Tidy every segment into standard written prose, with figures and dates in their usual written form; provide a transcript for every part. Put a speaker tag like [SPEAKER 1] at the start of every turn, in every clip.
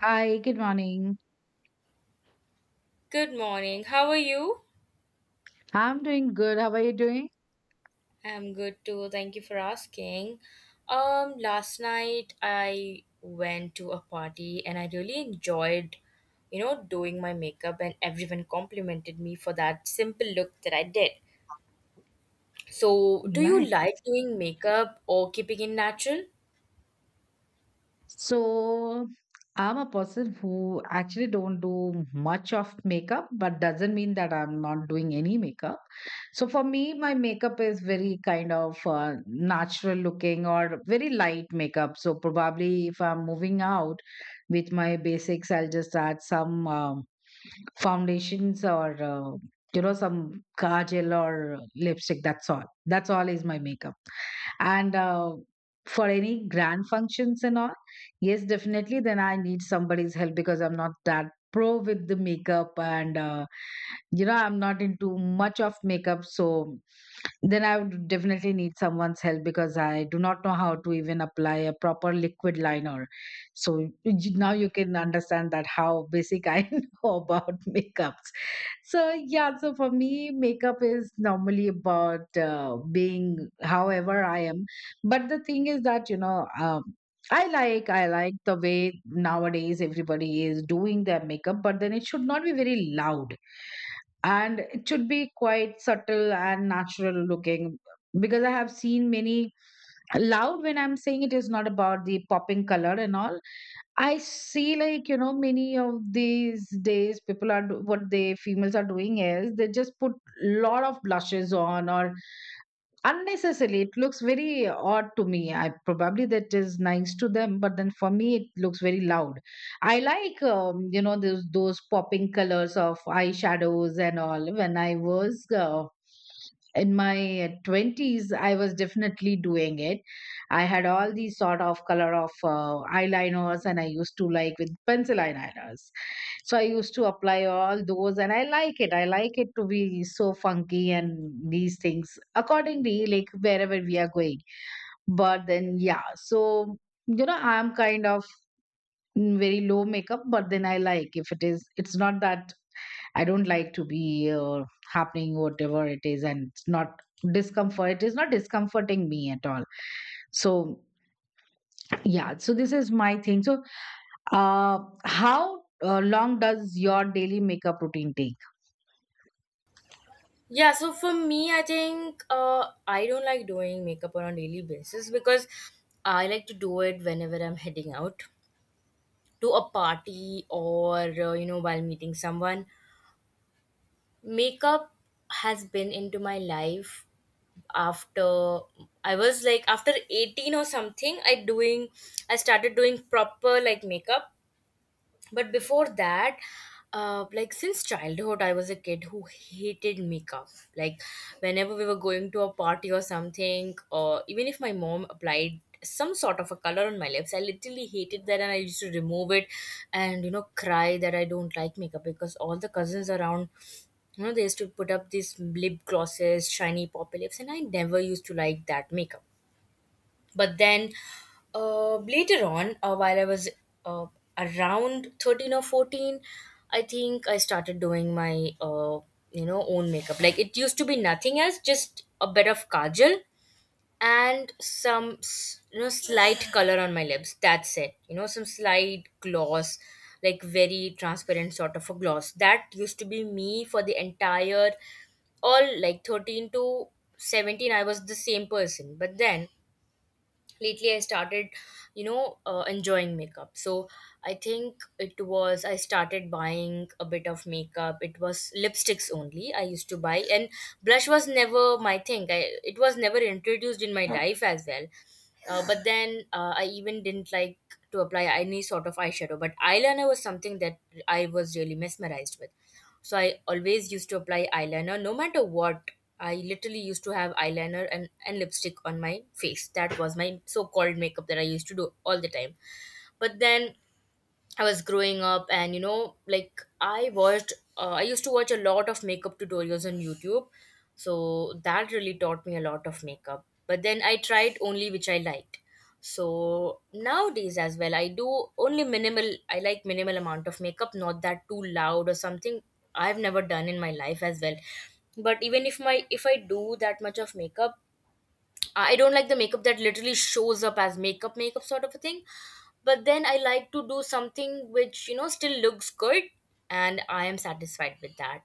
[SPEAKER 1] Hi, good morning.
[SPEAKER 2] Good morning. How are you?
[SPEAKER 1] I'm doing good. How are you doing?
[SPEAKER 2] I'm good too. Thank you for asking. Last night I went to a party and I really enjoyed, doing my makeup and everyone complimented me for that simple look that I did. So, do you
[SPEAKER 1] Nice.
[SPEAKER 2] like doing makeup or keeping it natural?
[SPEAKER 1] So, I'm a person who actually don't do much of makeup, but doesn't mean that I'm not doing any makeup. So for me, my makeup is very kind of natural looking or very light makeup. So probably if I'm moving out with my basics, I'll just add some foundations or you know some kajal or lipstick. That's all. That's all is my makeup. And for any grand functions and all, yes, definitely then I need somebody's help because I'm not that pro with the makeup, and you know, I'm not into much of makeup, so then I would definitely need someone's help because I do not know how to even apply a proper liquid liner. So now you can understand that how basic I know about makeups. So yeah, so for me, makeup is normally about being however I am. But the thing is that I like the way nowadays everybody is doing their makeup, but then it should not be very loud, and it should be quite subtle and natural looking. Because I have seen many loud, when I'm saying it is not about the popping color and all. I see, like, you know, many of these days, people are what they females are doing is they just put lot of blushes on, or unnecessarily it looks very odd to me. I probably that is nice to them, but then for me it looks very loud. I like you know, those popping colors of eyeshadows and all. When I was in my 20s, I was definitely doing it. I had all these sort of color of eyeliners, and I used to like with pencil eyeliners. So I used to apply all those, and I like it, I like it to be so funky, and these things accordingly, like wherever we are going. But then yeah, so you know I'm kind of very low makeup, but then I like if it is, it's not that I don't like to be happening, whatever it is, and it's not discomfort, it is not discomforting me at all. So yeah, so this is my thing. So, how long does your daily makeup routine take?
[SPEAKER 2] Yeah, so for me, I think I don't like doing makeup on a daily basis because I like to do it whenever I'm heading out to a party or while meeting someone. Makeup has been into my life after I was like after 18 or something, I started doing proper like makeup. But before that, like since childhood, I was a kid who hated makeup. Like whenever we were going to a party or something, or even if my mom applied some sort of a color on my lips, I literally hated that and I used to remove it, and you know, cry that I don't like makeup because all the cousins around, you know, they used to put up these lip glosses, shiny poppy lips, and I never used to like that makeup. But then later on, while I was uh, around 13 or 14, I think I started doing my own makeup. Like it used to be nothing else, just a bit of kajal and some slight color on my lips. That's it. You know, some slight gloss, like very transparent sort of a gloss. That used to be me for the entire, all like 13 to 17, I was the same person. But then lately I started, enjoying makeup. So I think it was I started buying a bit of makeup. It was lipsticks only I used to buy, and blush was never my thing. It was never introduced in my life as well. But then I even didn't like to apply any sort of eyeshadow. But eyeliner was something that I was really mesmerized with. So I always used to apply eyeliner no matter what. I literally used to have eyeliner and lipstick on my face. That was my so called makeup that I used to do all the time. But then I was growing up, and you know, like I watched, I used to watch a lot of makeup tutorials on YouTube. So that really taught me a lot of makeup. But then I tried only which I liked. So nowadays as well, I like minimal amount of makeup, not that too loud or something I've never done in my life as well. But even if my if I do that much of makeup, I don't like the makeup that literally shows up as makeup makeup sort of a thing. But then I like to do something which, you know, still looks good, and I am satisfied with that.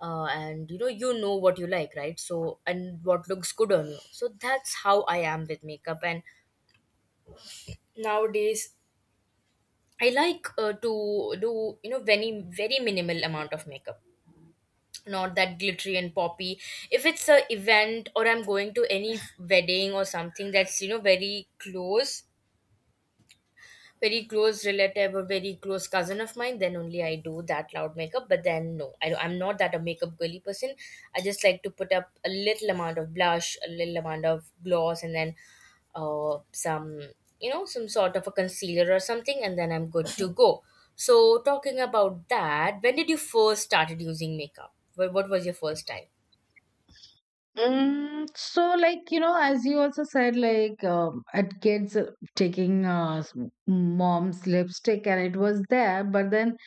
[SPEAKER 2] And you know, you know what you like, right? So, and what looks good on you, so that's how I am with makeup. And nowadays I like to do, you know, very minimal amount of makeup, not that glittery and poppy. If it's a event or I'm going to any wedding or something that's, you know, very close, very close relative or very close cousin of mine, then only I do that loud makeup. But then no, I'm not that a makeup girly person. I just like to put up a little amount of blush, a little amount of gloss, and then some you know some sort of a concealer or something, and then I'm good to go. So talking about that, when did you first started using makeup? What was your first time?
[SPEAKER 1] So, like, you know, as you also said, like, at kids, taking mom's lipstick, and it was there, but then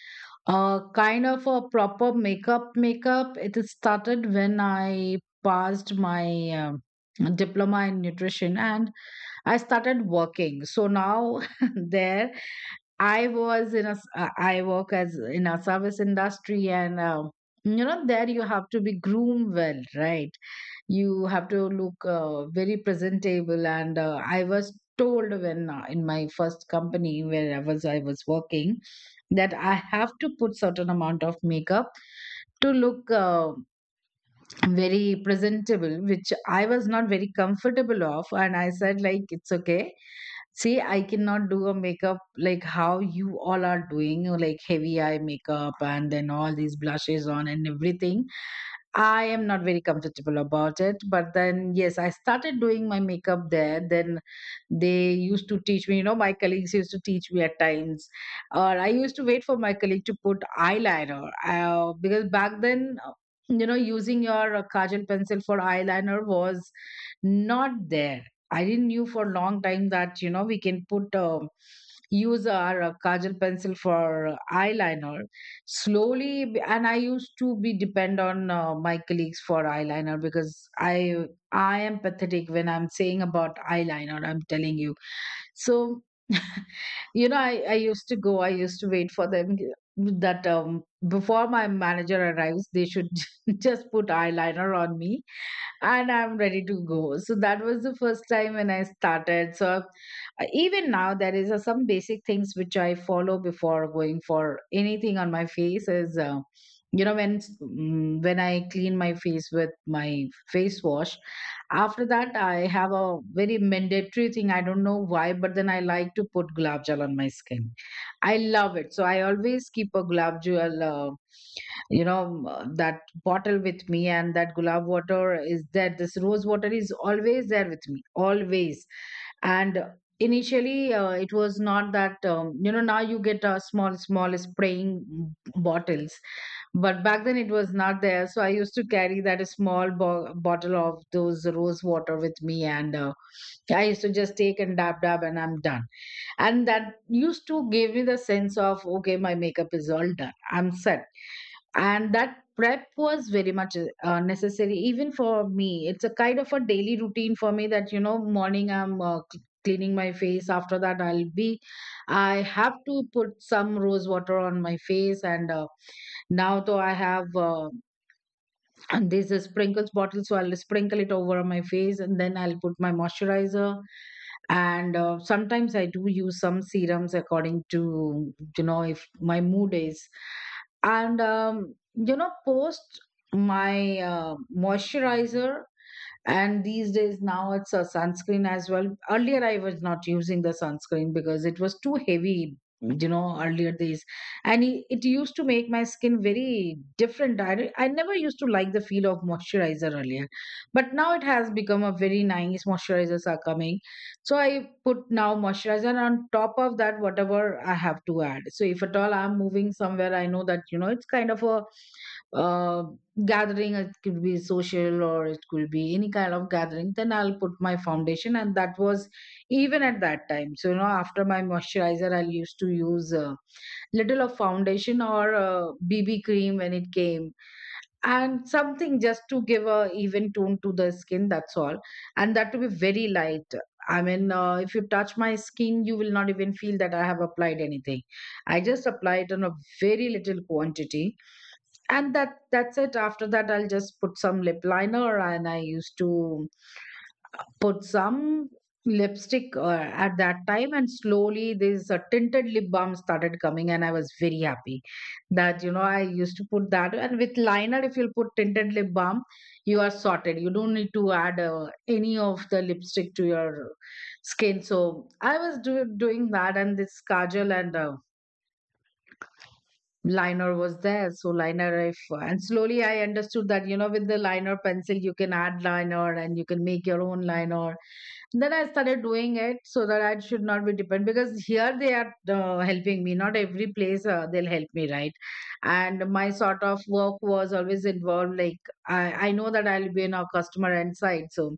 [SPEAKER 1] kind of a proper makeup, makeup, it is started when I passed my diploma in nutrition and I started working. So now, there. I was in a, I work as in a service industry, and you know there you have to be groomed well, right? You have to look very presentable, and I was told when in my first company where I was working that I have to put certain amount of makeup to look very presentable, which I was not very comfortable of, and I said like it's okay. See, I cannot do a makeup like how you all are doing, like heavy eye makeup and then all these blushes on and everything. I am not very comfortable about it. But then, yes, I started doing my makeup there. Then they used to teach me, you know, my colleagues used to teach me at times. Or I used to wait for my colleague to put eyeliner, because back then, you know, using your kajal pencil for eyeliner was not there. I didn't knew for a long time that, you know, we can put, use our kajal pencil for eyeliner. Slowly and I used to be depend on my colleagues for eyeliner, because i I am pathetic when I'm saying about eyeliner, I'm telling you. So you know I used to go, I used to wait for them that before my manager arrives, they should just put eyeliner on me, and I'm ready to go. So that was the first time when I started. So even now, there is some basic things which I follow before going for anything on my face. Is you know when when I clean my face with my face wash. After that, I have a very mandatory thing. I don't know why, but then I like to put gulab gel on my skin. I love it. So I always keep a gulab gel. You know that bottle with me, and that gulab water is there, this rose water is always there with me always. And initially it was not that, you know now you get a small small spraying bottles, but back then it was not there, so I used to carry that small bottle of those rose water with me. And I used to just take and dab dab, and I'm done. And that used to give me the sense of, okay, my makeup is all done. I'm set. And that prep was very much necessary, even for me. It's a kind of a daily routine for me, that you know morning I'm cleaning my face. After that I'll be, I have to put some rose water on my face. And now though I have and there's a sprinkles bottle, so I'll sprinkle it over my face, and then I'll put my moisturizer. And sometimes I do use some serums according to, you know, if my mood is. And you know, post my moisturizer. And these days now it's a sunscreen as well. Earlier I was not using the sunscreen because it was too heavy, you know, earlier days. And it used to make my skin very different. I never used to like the feel of moisturizer earlier, but now it has become a very nice, moisturizers are coming. So I put now moisturizer, and on top of that whatever I have to add. So if at all I'm moving somewhere, I know that, you know, it's kind of a uh, gathering, it could be social or it could be any kind of gathering, then I'll put my foundation. And that was even at that time. So you know, after my moisturizer, I used to use a little of foundation or BB cream when it came, and something just to give a even tone to the skin, that's all. And that to be very light. I mean if you touch my skin, you will not even feel that I have applied anything. I just apply it on a very little quantity, and that's it. After that, I'll just put some lip liner, and I used to put some lipstick at that time. And slowly this tinted lip balm started coming, and I was very happy. That, you know, I used to put that, and with liner if you'll put tinted lip balm, you are sorted, you don't need to add any of the lipstick to your skin. So I was doing that, and this kajal and liner was there. So liner if, and slowly I understood that, you know, with the liner pencil you can add liner, and you can make your own liner. Then I started doing it, so that I should not be dependent, because here they are helping me. Not every place they'll help me, right? And my sort of work was always involved. Like I know that I'll be in a customer end side, so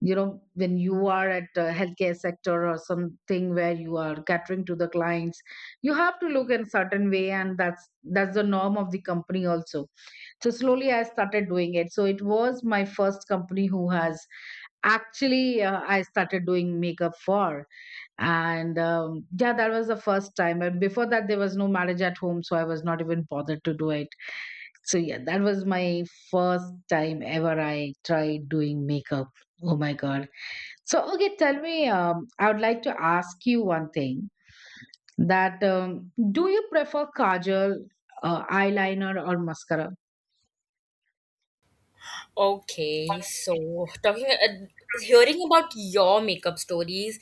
[SPEAKER 1] you know when you are at a healthcare sector or something where you are catering to the clients, you have to look in a certain way, and that's the norm of the company also. So slowly I started doing it. So it was my first company who has actually I started doing makeup for. And yeah, that was the first time, and before that there was no marriage at home, so I was not even bothered to do it. So yeah, that was my first time ever I tried doing makeup. Oh my god. So okay, tell me, I would like to ask you one thing, that do you prefer kajal, eyeliner or mascara?
[SPEAKER 2] Okay, so talking, hearing about your makeup stories,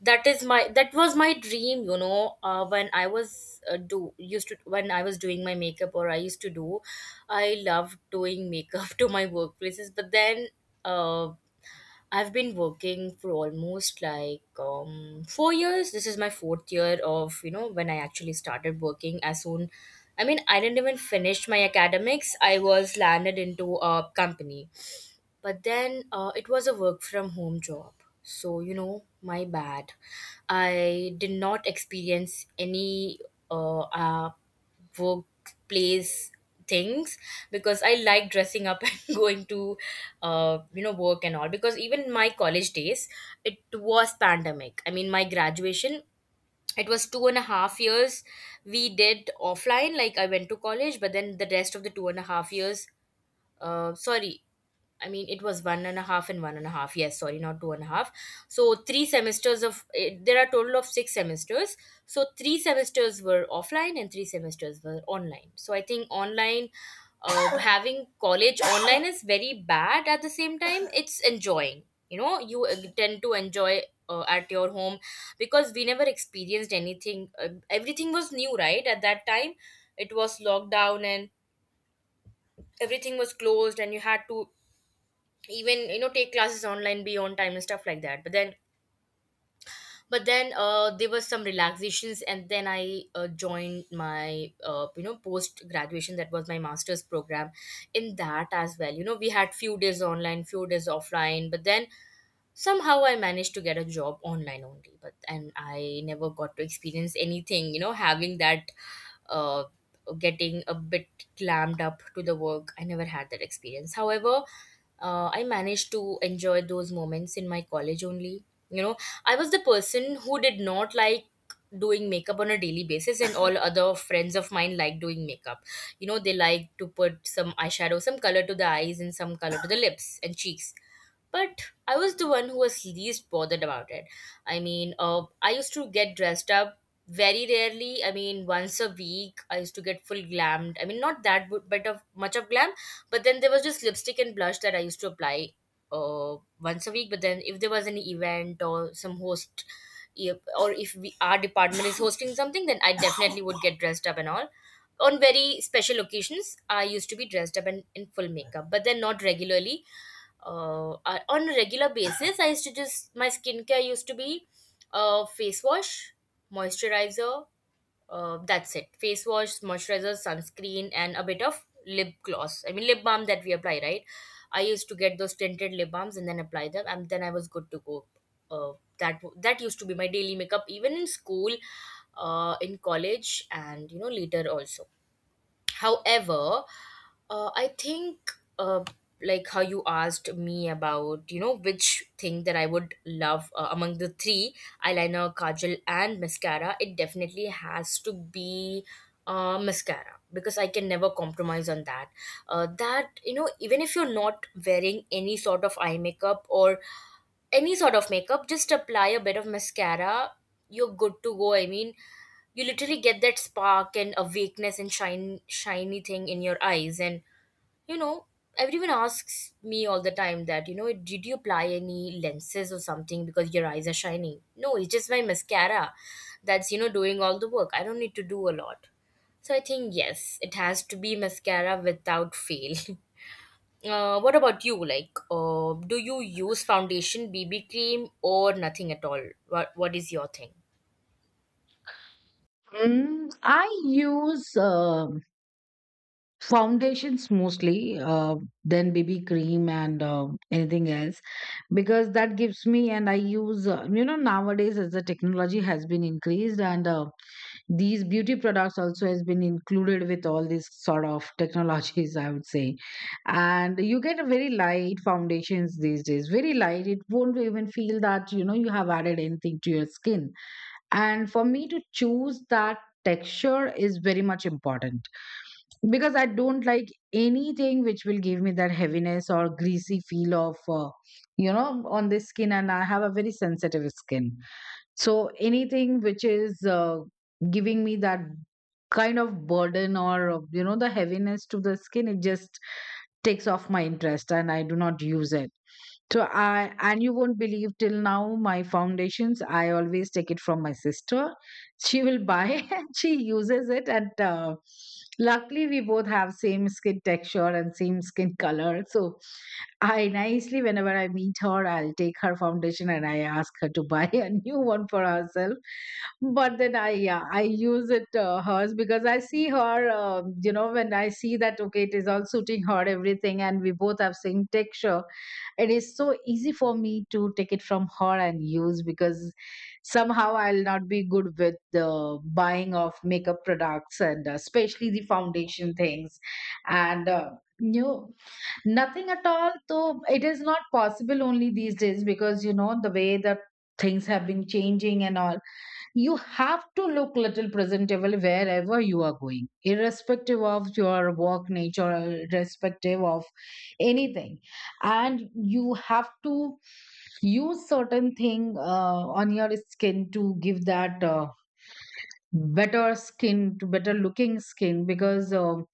[SPEAKER 2] that was my dream. You know, when I was do used to when I was doing my makeup or I used to do, I loved doing makeup to my workplaces. But then, uh, I've been working for almost like 4 years. This is my fourth year of, you know, when I actually started working. As soon, I mean, I didn't even finish my academics. I was landed into a company. But then it was a work from home job. So, you know, my bad. I did not experience any uh, uh, workplace things, because I like dressing up and going to, work and all. Because even my college days, it was pandemic. I mean, my graduation, it was 2.5 years, we did offline, like I went to college. But then the rest of the 2.5 years, sorry, I mean, it was one and a half and one and a half. Yes, sorry, not two and a half. So three semesters of eh, there are total of six semesters. So three semesters were offline and three semesters were online. So I think online, having college online is very bad. At the same time, it's enjoying. You know, you tend to enjoy at your home, because we never experienced anything. Everything was new, right? At that time, it was lockdown, and everything was closed, and you had to, even you know, take classes online, be on time and stuff like that. But then there was some relaxations, and then I joined my post graduation, that was my master's program. In that as well, you know, we had few days online, few days offline. But then somehow I managed to get a job online only, but and I never got to experience anything, you know, having that uh, getting a bit clammed up to the work. I never had that experience. However, I managed to enjoy those moments in my college only. You know, I was the person who did not like doing makeup on a daily basis, and all other friends of mine like doing makeup. You know, they like to put some eyeshadow, some color to the eyes, and some color to the lips and cheeks, but I was the one who was least bothered about it. I mean, I used to get dressed up very rarely. I mean, once a week, I used to get full glammed. I mean, not that but of much of glam, but then there was just lipstick and blush that I used to apply once a week. But then if there was an event or some host, or if we, our department is hosting something, then I definitely would get dressed up and all. On very special occasions I used to be dressed up and in full makeup, but then not regularly. On a regular basis, I used to just my skincare used to be face wash, moisturizer, that's it, face wash, moisturizer, sunscreen and a bit of lip gloss, I mean lip balm, that we apply, right? I used to get those tinted lip balms and then apply them, and then I was good to go. uh, that used to be my daily makeup, even in school, in college and you know later also. However, I think, uh, like how you asked me about, you know, which thing that I would love among the three, eyeliner, kajal and mascara, it definitely has to be mascara, because I can never compromise on that. You know, even if you're not wearing any sort of eye makeup or any sort of makeup, just apply a bit of mascara, you're good to go. I mean, you literally get that spark and awakeness and shine shiny thing in your eyes, and you know, everyone asks me all the time that, you know, did you apply any lenses or something, because your eyes are shining? No, it's just my mascara that's, you know, doing all the work. I don't need to do a lot. So I think yes, it has to be mascara without fail. What about you, like do you use foundation, bb cream, or nothing at all? What is your thing?
[SPEAKER 1] I use foundations mostly, then bb cream and anything else, because that gives me. And I use, you know, nowadays, as the technology has been increased and these beauty products also has been included with all these sort of technologies, I would say. And you get a very light foundations these days, very light, it won't even feel that you know you have added anything to your skin. And for me to choose that, texture is very much important, because I don't like anything which will give me that heaviness or greasy feel of, you know, on the skin, and I have a very sensitive skin. So anything which is giving me that kind of burden or, you know, the heaviness to the skin, it just takes off my interest and I do not use it. So I, and you won't believe, till now my foundations I always take it from my sister. She will buy and she uses it, and luckily we both have same skin texture and same skin color. So I nicely, whenever I meet her, I'll take her foundation and I ask her to buy a new one for herself. But then I, yeah, I use it, hers, because I see her, you know, when I see that okay, it is all suiting her everything and we both have same texture, it is so easy for me to take it from her and use, because somehow I'll not be good with the buying of makeup products, and especially the foundation things. And no, nothing at all. So it is not possible, only these days, because you know the way that things have been changing and all, you have to look little presentable wherever you are going, irrespective of your work nature, irrespective of anything. And you have to use certain thing, on your skin to give that, better skin, to better looking skin,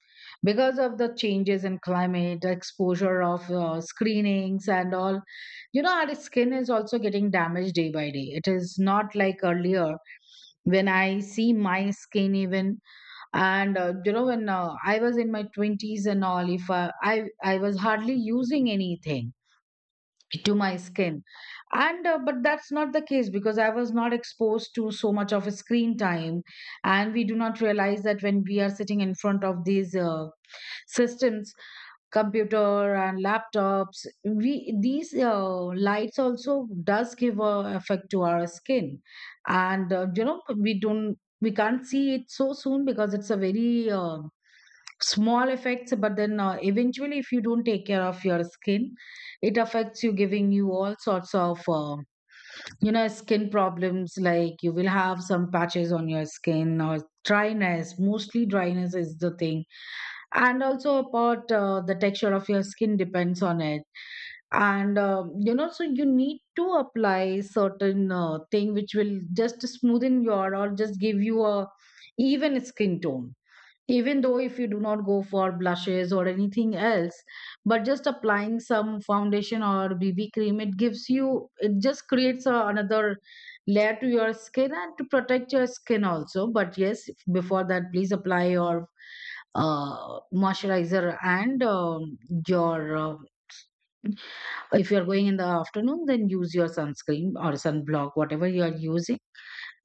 [SPEAKER 1] because of the changes in climate, the exposure of, screenings and all, you know, our skin is also getting damaged day by day, it is not like earlier. When I see my skin even, and you know, when I was in my 20s and all, if I was hardly using anything to my skin. And but that's not the case, because I was not exposed to so much of a screen time. And we do not realize that when we are sitting in front of these, systems, computer and laptops, we, these lights also does give a effect to our skin. And you know, we don't, we can't see it so soon because it's a very, small effects. But then eventually, if you don't take care of your skin, it affects you, giving you all sorts of, you know, skin problems, like you will have some patches on your skin, or dryness, mostly dryness is the thing. And also about, the texture of your skin depends on it. And you know, so you need to apply certain, thing which will just smoothen your, or just give you a even skin tone, even though if you do not go for blushes or anything else. But just applying some foundation or bb cream, it gives you, it just creates a, another layer to your skin, and to protect your skin also. But yes, before that, please apply your moisturizer, and your if you are going in the afternoon, then use your sunscreen or sunblock, whatever you are using,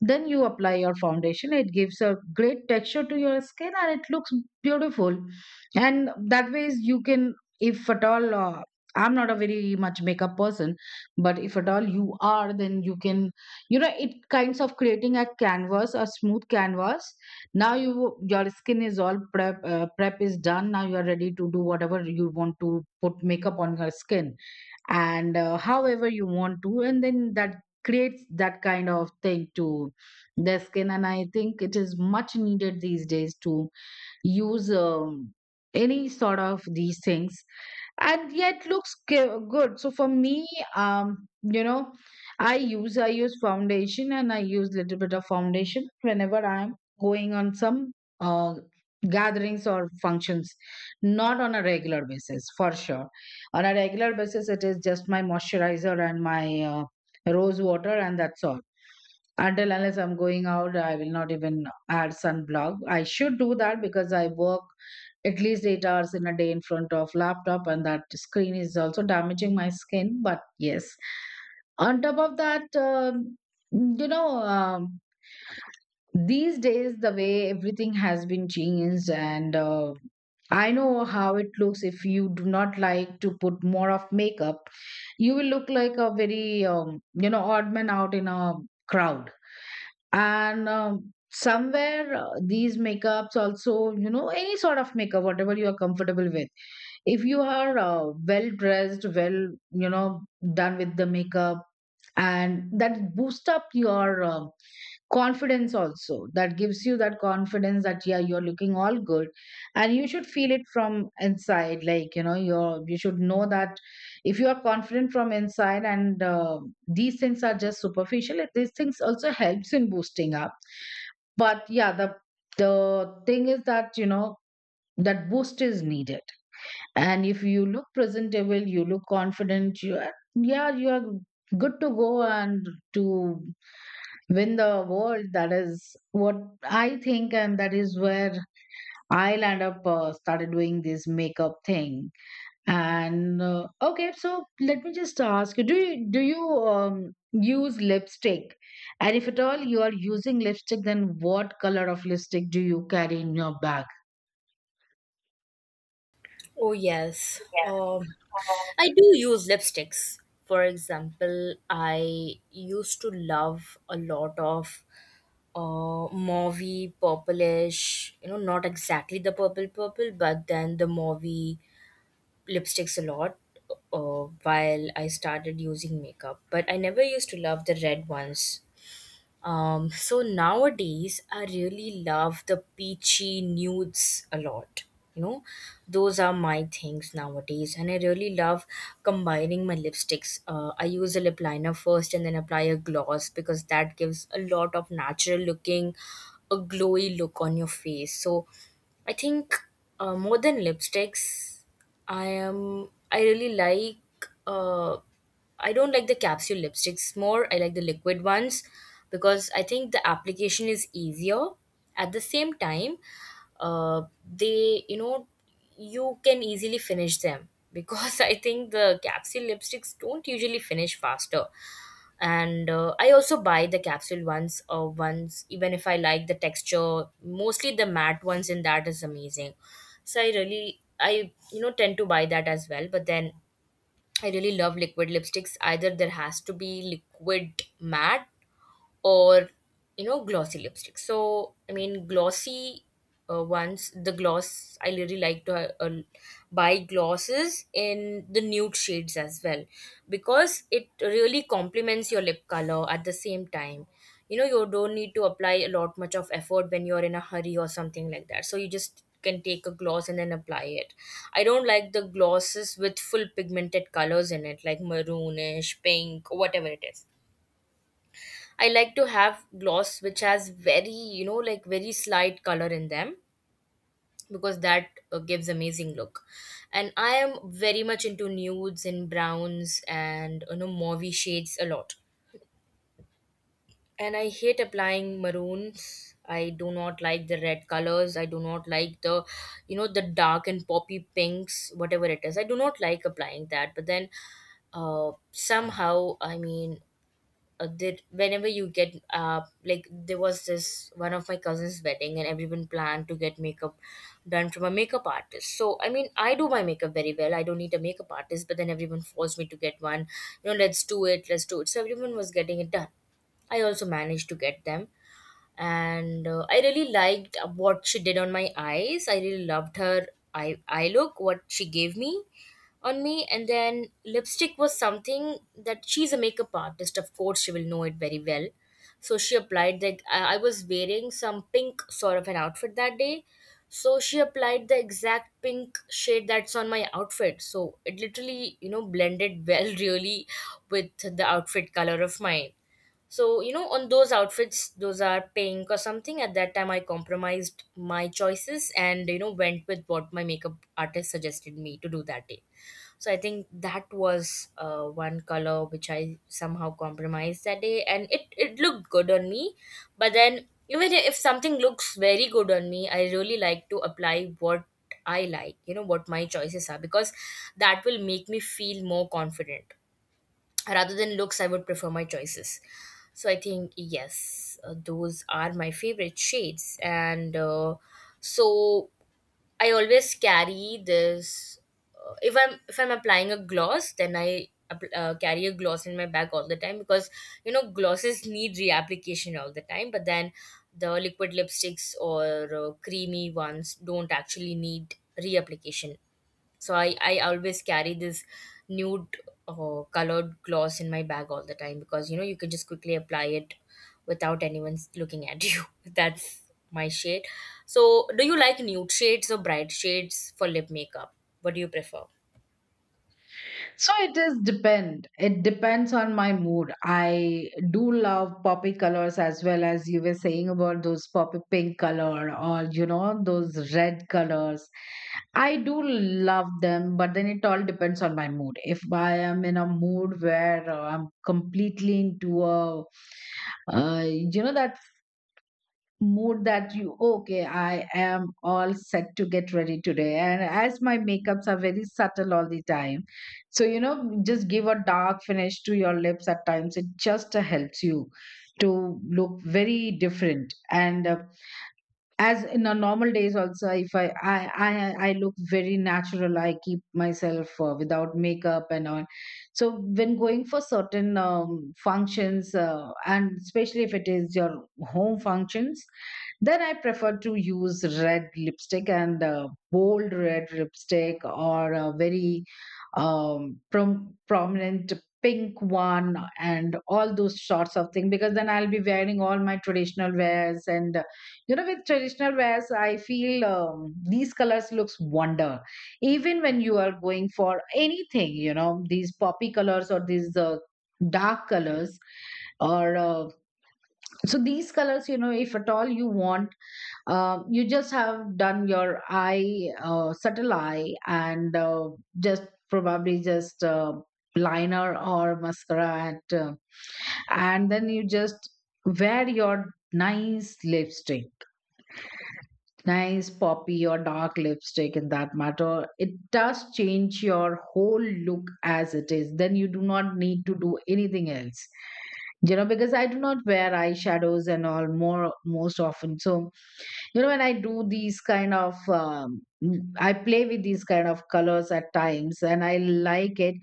[SPEAKER 1] then you apply your foundation. It gives a great texture to your skin, and it looks beautiful. And that ways you can, if at all, I'm not a very much makeup person, but if at all you are, then you can, you know, it kinds of creating a canvas, a smooth canvas. Now you, your skin is all prep, prep is done. Now you are ready to do whatever you want, to put makeup on your skin and however you want to, and then that creates that kind of thing to the skin. And I think it is much needed these days to use, any sort of these things, and yet looks good. So for me, you know, I use foundation, and I use little bit of foundation whenever I'm going on some uh gatherings or functions, not on a regular basis for sure. On a regular basis, it is just my moisturizer and my rose water, and that's all. Until unless I'm going out, I will not even add sunblock. I should do that, because I work at least 8 hours in a day in front of laptop, and that screen is also damaging my skin. But yes, on top of that, you know, um, these days the way everything has been changed, and I know how it looks. If you do not like to put more of makeup, you will look like a very, you know, odd man out in a crowd. And somewhere these makeups also, you know, any sort of makeup, whatever you are comfortable with, if you are well dressed, well, you know, done with the makeup, and that boosts up your confidence also, that gives you that confidence that yeah, you're looking all good. And you should feel it from inside, like, you know, you're, you should know that if you are confident from inside, and these things are just superficial, these things also helps in boosting up. But yeah, the thing is that, you know, that boost is needed. And if you look presentable, you look confident, you are, yeah, you are good to go, and to win the world. That is what I think, and that is where I'll end up, started doing this makeup thing. And okay, so let me just ask you, do you use lipstick? And if at all you are using lipstick, then what color of lipstick do you carry in your bag?
[SPEAKER 2] Oh, yes. I do use lipsticks. For example, I used to love a lot of mauvey, purplish, you know, not exactly the purple purple, but then the mauvey lipsticks a lot while I started using makeup. But I never used to love the red ones. So nowadays, I really love the peachy nudes a lot. You know, those are my things nowadays, and I really love combining my lipsticks. I use a lip liner first and then apply a gloss, because that gives a lot of natural looking, a glowy look on your face. So I think more than lipsticks, I am. I really like. Uh, I don't like the capsule lipsticks more. I like the liquid ones because I think the application is easier. At the same time, they you can easily finish them because I think the capsule lipsticks don't usually finish faster, and I also buy the capsule ones or ones even if I like the texture, mostly the matte ones, in that is amazing. So I really, I tend to buy that as well, but then I really love liquid lipsticks. Either there has to be liquid matte or, you know, glossy lipstick. So I mean glossy ones, the gloss, I really like to buy glosses in the nude shades as well, because it really complements your lip color. At the same time, you know, you don't need to apply a lot much of effort when you're in a hurry or something like that, so you just can take a gloss and then apply it. I don't like the glosses with full pigmented colors in it, like maroonish pink, whatever it is. I like to have gloss which has very, you know, like very slight color in them, because that gives amazing look. And I am very much into nudes and browns and, you know, mauvey shades a lot. And I hate applying maroons. I do not like the red colors. I do not like the, you know, the dark and poppy pinks, whatever it is. I do not like applying that. But then, somehow, I mean, that whenever you get like there was this one of my cousin's wedding, and everyone planned to get makeup done from a makeup artist. So I mean, I do my makeup very well, I don't need a makeup artist, but then everyone forced me to get one. You know, let's do it, let's do it. So everyone was getting it done, I also managed to get them. And I really liked what she did on my eyes. I really loved her eye look what she gave me on me. And then lipstick was something that, she's a makeup artist, of course she will know it very well. So she applied the I was wearing some pink sort of an outfit that day, so she applied the exact pink shade that's on my outfit. So it literally, you know, blended well really with the outfit color of mine. So you know, on those outfits, those are pink or something, at that time I compromised my choices and, you know, went with what my makeup artist suggested me to do that day. So I think that was one color which I somehow compromised that day, and it looked good on me. But then, even if something looks very good on me, I really like to apply what I like, you know, what my choices are, because that will make me feel more confident. Rather than looks, I would prefer my choices. So I think yes, those are my favorite shades, and so I always carry this, if I'm applying a gloss, then I carry a gloss in my bag all the time, because you know, glosses need reapplication all the time. But then the liquid lipsticks or creamy ones don't actually need reapplication. So I always carry this nude colored gloss in my bag all the time, because you know, you can just quickly apply it without anyone looking at you. That's my shade. So do you like nude shades or bright shades for lip makeup? What do you prefer?
[SPEAKER 1] So it is depend. It depends on my mood. I do love poppy colors, as well as you were saying about those poppy pink color, or you know, those red colors. I do love them, but then it all depends on my mood. If I am in a mood where, I'm completely into a, you know, that mood that, you okay, I am all set to get ready today. And as my makeups are very subtle all the time, so you know, just give a dark finish to your lips at times, it just helps you to look very different. And as in a normal days also, if I, I look very natural, I keep myself without makeup and all. So when going for certain, functions, and especially if it is your home functions, then I prefer to use red lipstick, and bold red lipstick, or a very, prominent pink one, and all those sorts of thing, because then I'll be wearing all my traditional wears, and you know, with traditional wears I feel, these colors looks wonder. Even when you are going for anything, you know, these poppy colors or these, dark colors, or so these colors, you know, if at all you want, you just have done your eye, subtle eye, and, just probably just, liner or mascara, and then you just wear your nice lipstick, nice poppy or dark lipstick, in that matter. It does change your whole look as it is. Then you do not need to do anything else, you know, because I do not wear eyeshadows and all more most often. So you know, when I do these kind of, I play with these kind of colors at times, and I like it.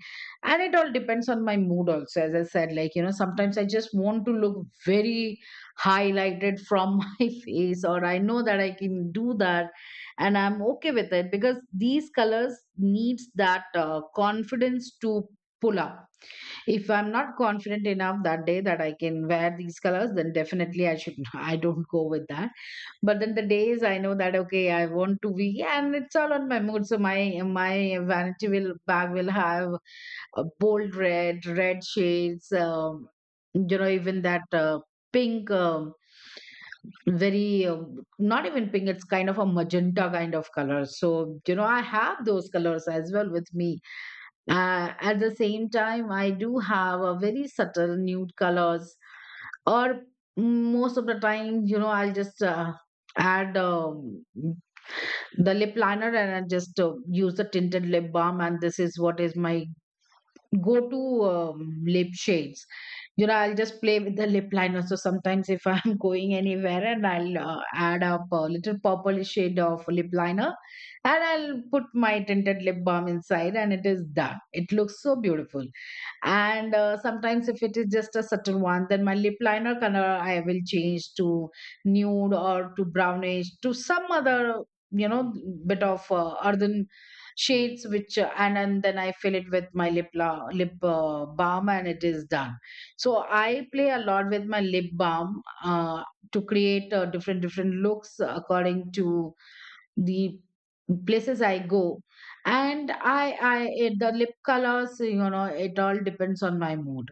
[SPEAKER 1] And it all depends on my mood also, as I said, like, you know, sometimes I just want to look very highlighted from my face, or I know that I can do that and I'm okay with it, because these colors needs that confidence to pull up. If I'm not confident enough that day that I can wear these colors, then definitely I should I don't go with that. But then the days I know that okay, I want to be, and it's all on my mood. So my vanity will bag will have bold red, red shades, you know, even that pink, very, not even pink, it's kind of a magenta kind of color. So you know, I have those colors as well with me. At the same time, I do have a very subtle nude colors, or most of the time, you know, I'll just. Add, the lip liner, and I just use the tinted lip balm, and this is what is my go-to, lip shades. You know, I'll just play with the lip liner. So sometimes if I'm going anywhere, and I'll add up a little purple shade of lip liner, and I'll put my tinted lip balm inside, and it is done, it looks so beautiful. And sometimes if it is just a subtle one, then my lip liner color I will change to nude, or to brownish, to some other, you know, bit of, earthen shades, which and then I fill it with my lip lip balm, and it is done. So I play a lot with my lip balm, to create, different different looks, according to the places I go. And it, the lip colors, you know, it all depends on my mood.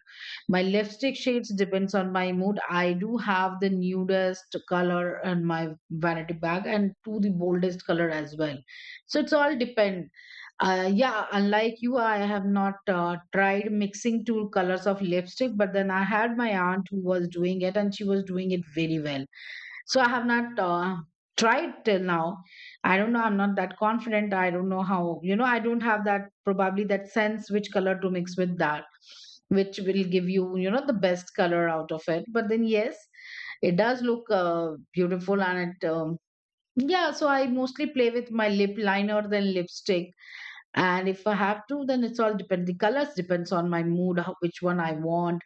[SPEAKER 1] My lipstick shades depends on my mood. I do have the nudest color in my vanity bag, and to the boldest color as well. So it's all depend. Yeah, unlike you, I have not tried mixing two colors of lipstick, but then I had my aunt who was doing it, and she was doing it very well. So I have not tried till now. I don't know, I'm not that confident. I don't know how. You know, I don't have that probably that sense which color to mix with that, which will give you, you know, the best color out of it. But then yes, it does look beautiful, and it. Yeah, so I mostly play with my lip liner than lipstick, and if I have to, then it's all depend. The colors depends on my mood, how, which one I want,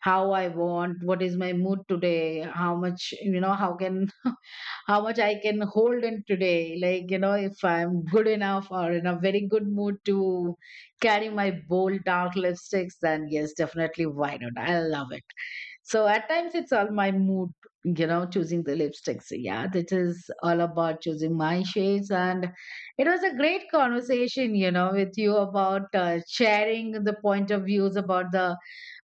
[SPEAKER 1] how I want, what is my mood today, how much, you know, how can, how much I can hold in today. Like, you know, if I'm good enough or in a very good mood to carry my bold dark lipsticks, then yes, definitely, why not? I love it. So at times it's all my mood, you know, choosing the lipsticks. Yeah, that is all about choosing my shades. And it was a great conversation, you know, with you, about sharing the point of views about the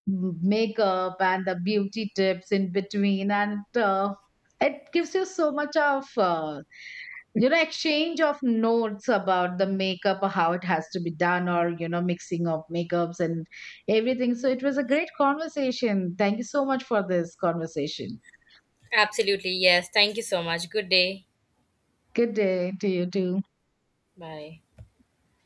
[SPEAKER 1] makeup, and the beauty tips in between, and it gives you so much of, you know, exchange of notes about the makeup, or how it has to be done, or you know, mixing of makeups and everything. So it was a great conversation, thank you so much for this conversation.
[SPEAKER 2] Absolutely, yes, thank you so much. Good day.
[SPEAKER 1] Good day to you too.
[SPEAKER 2] Bye.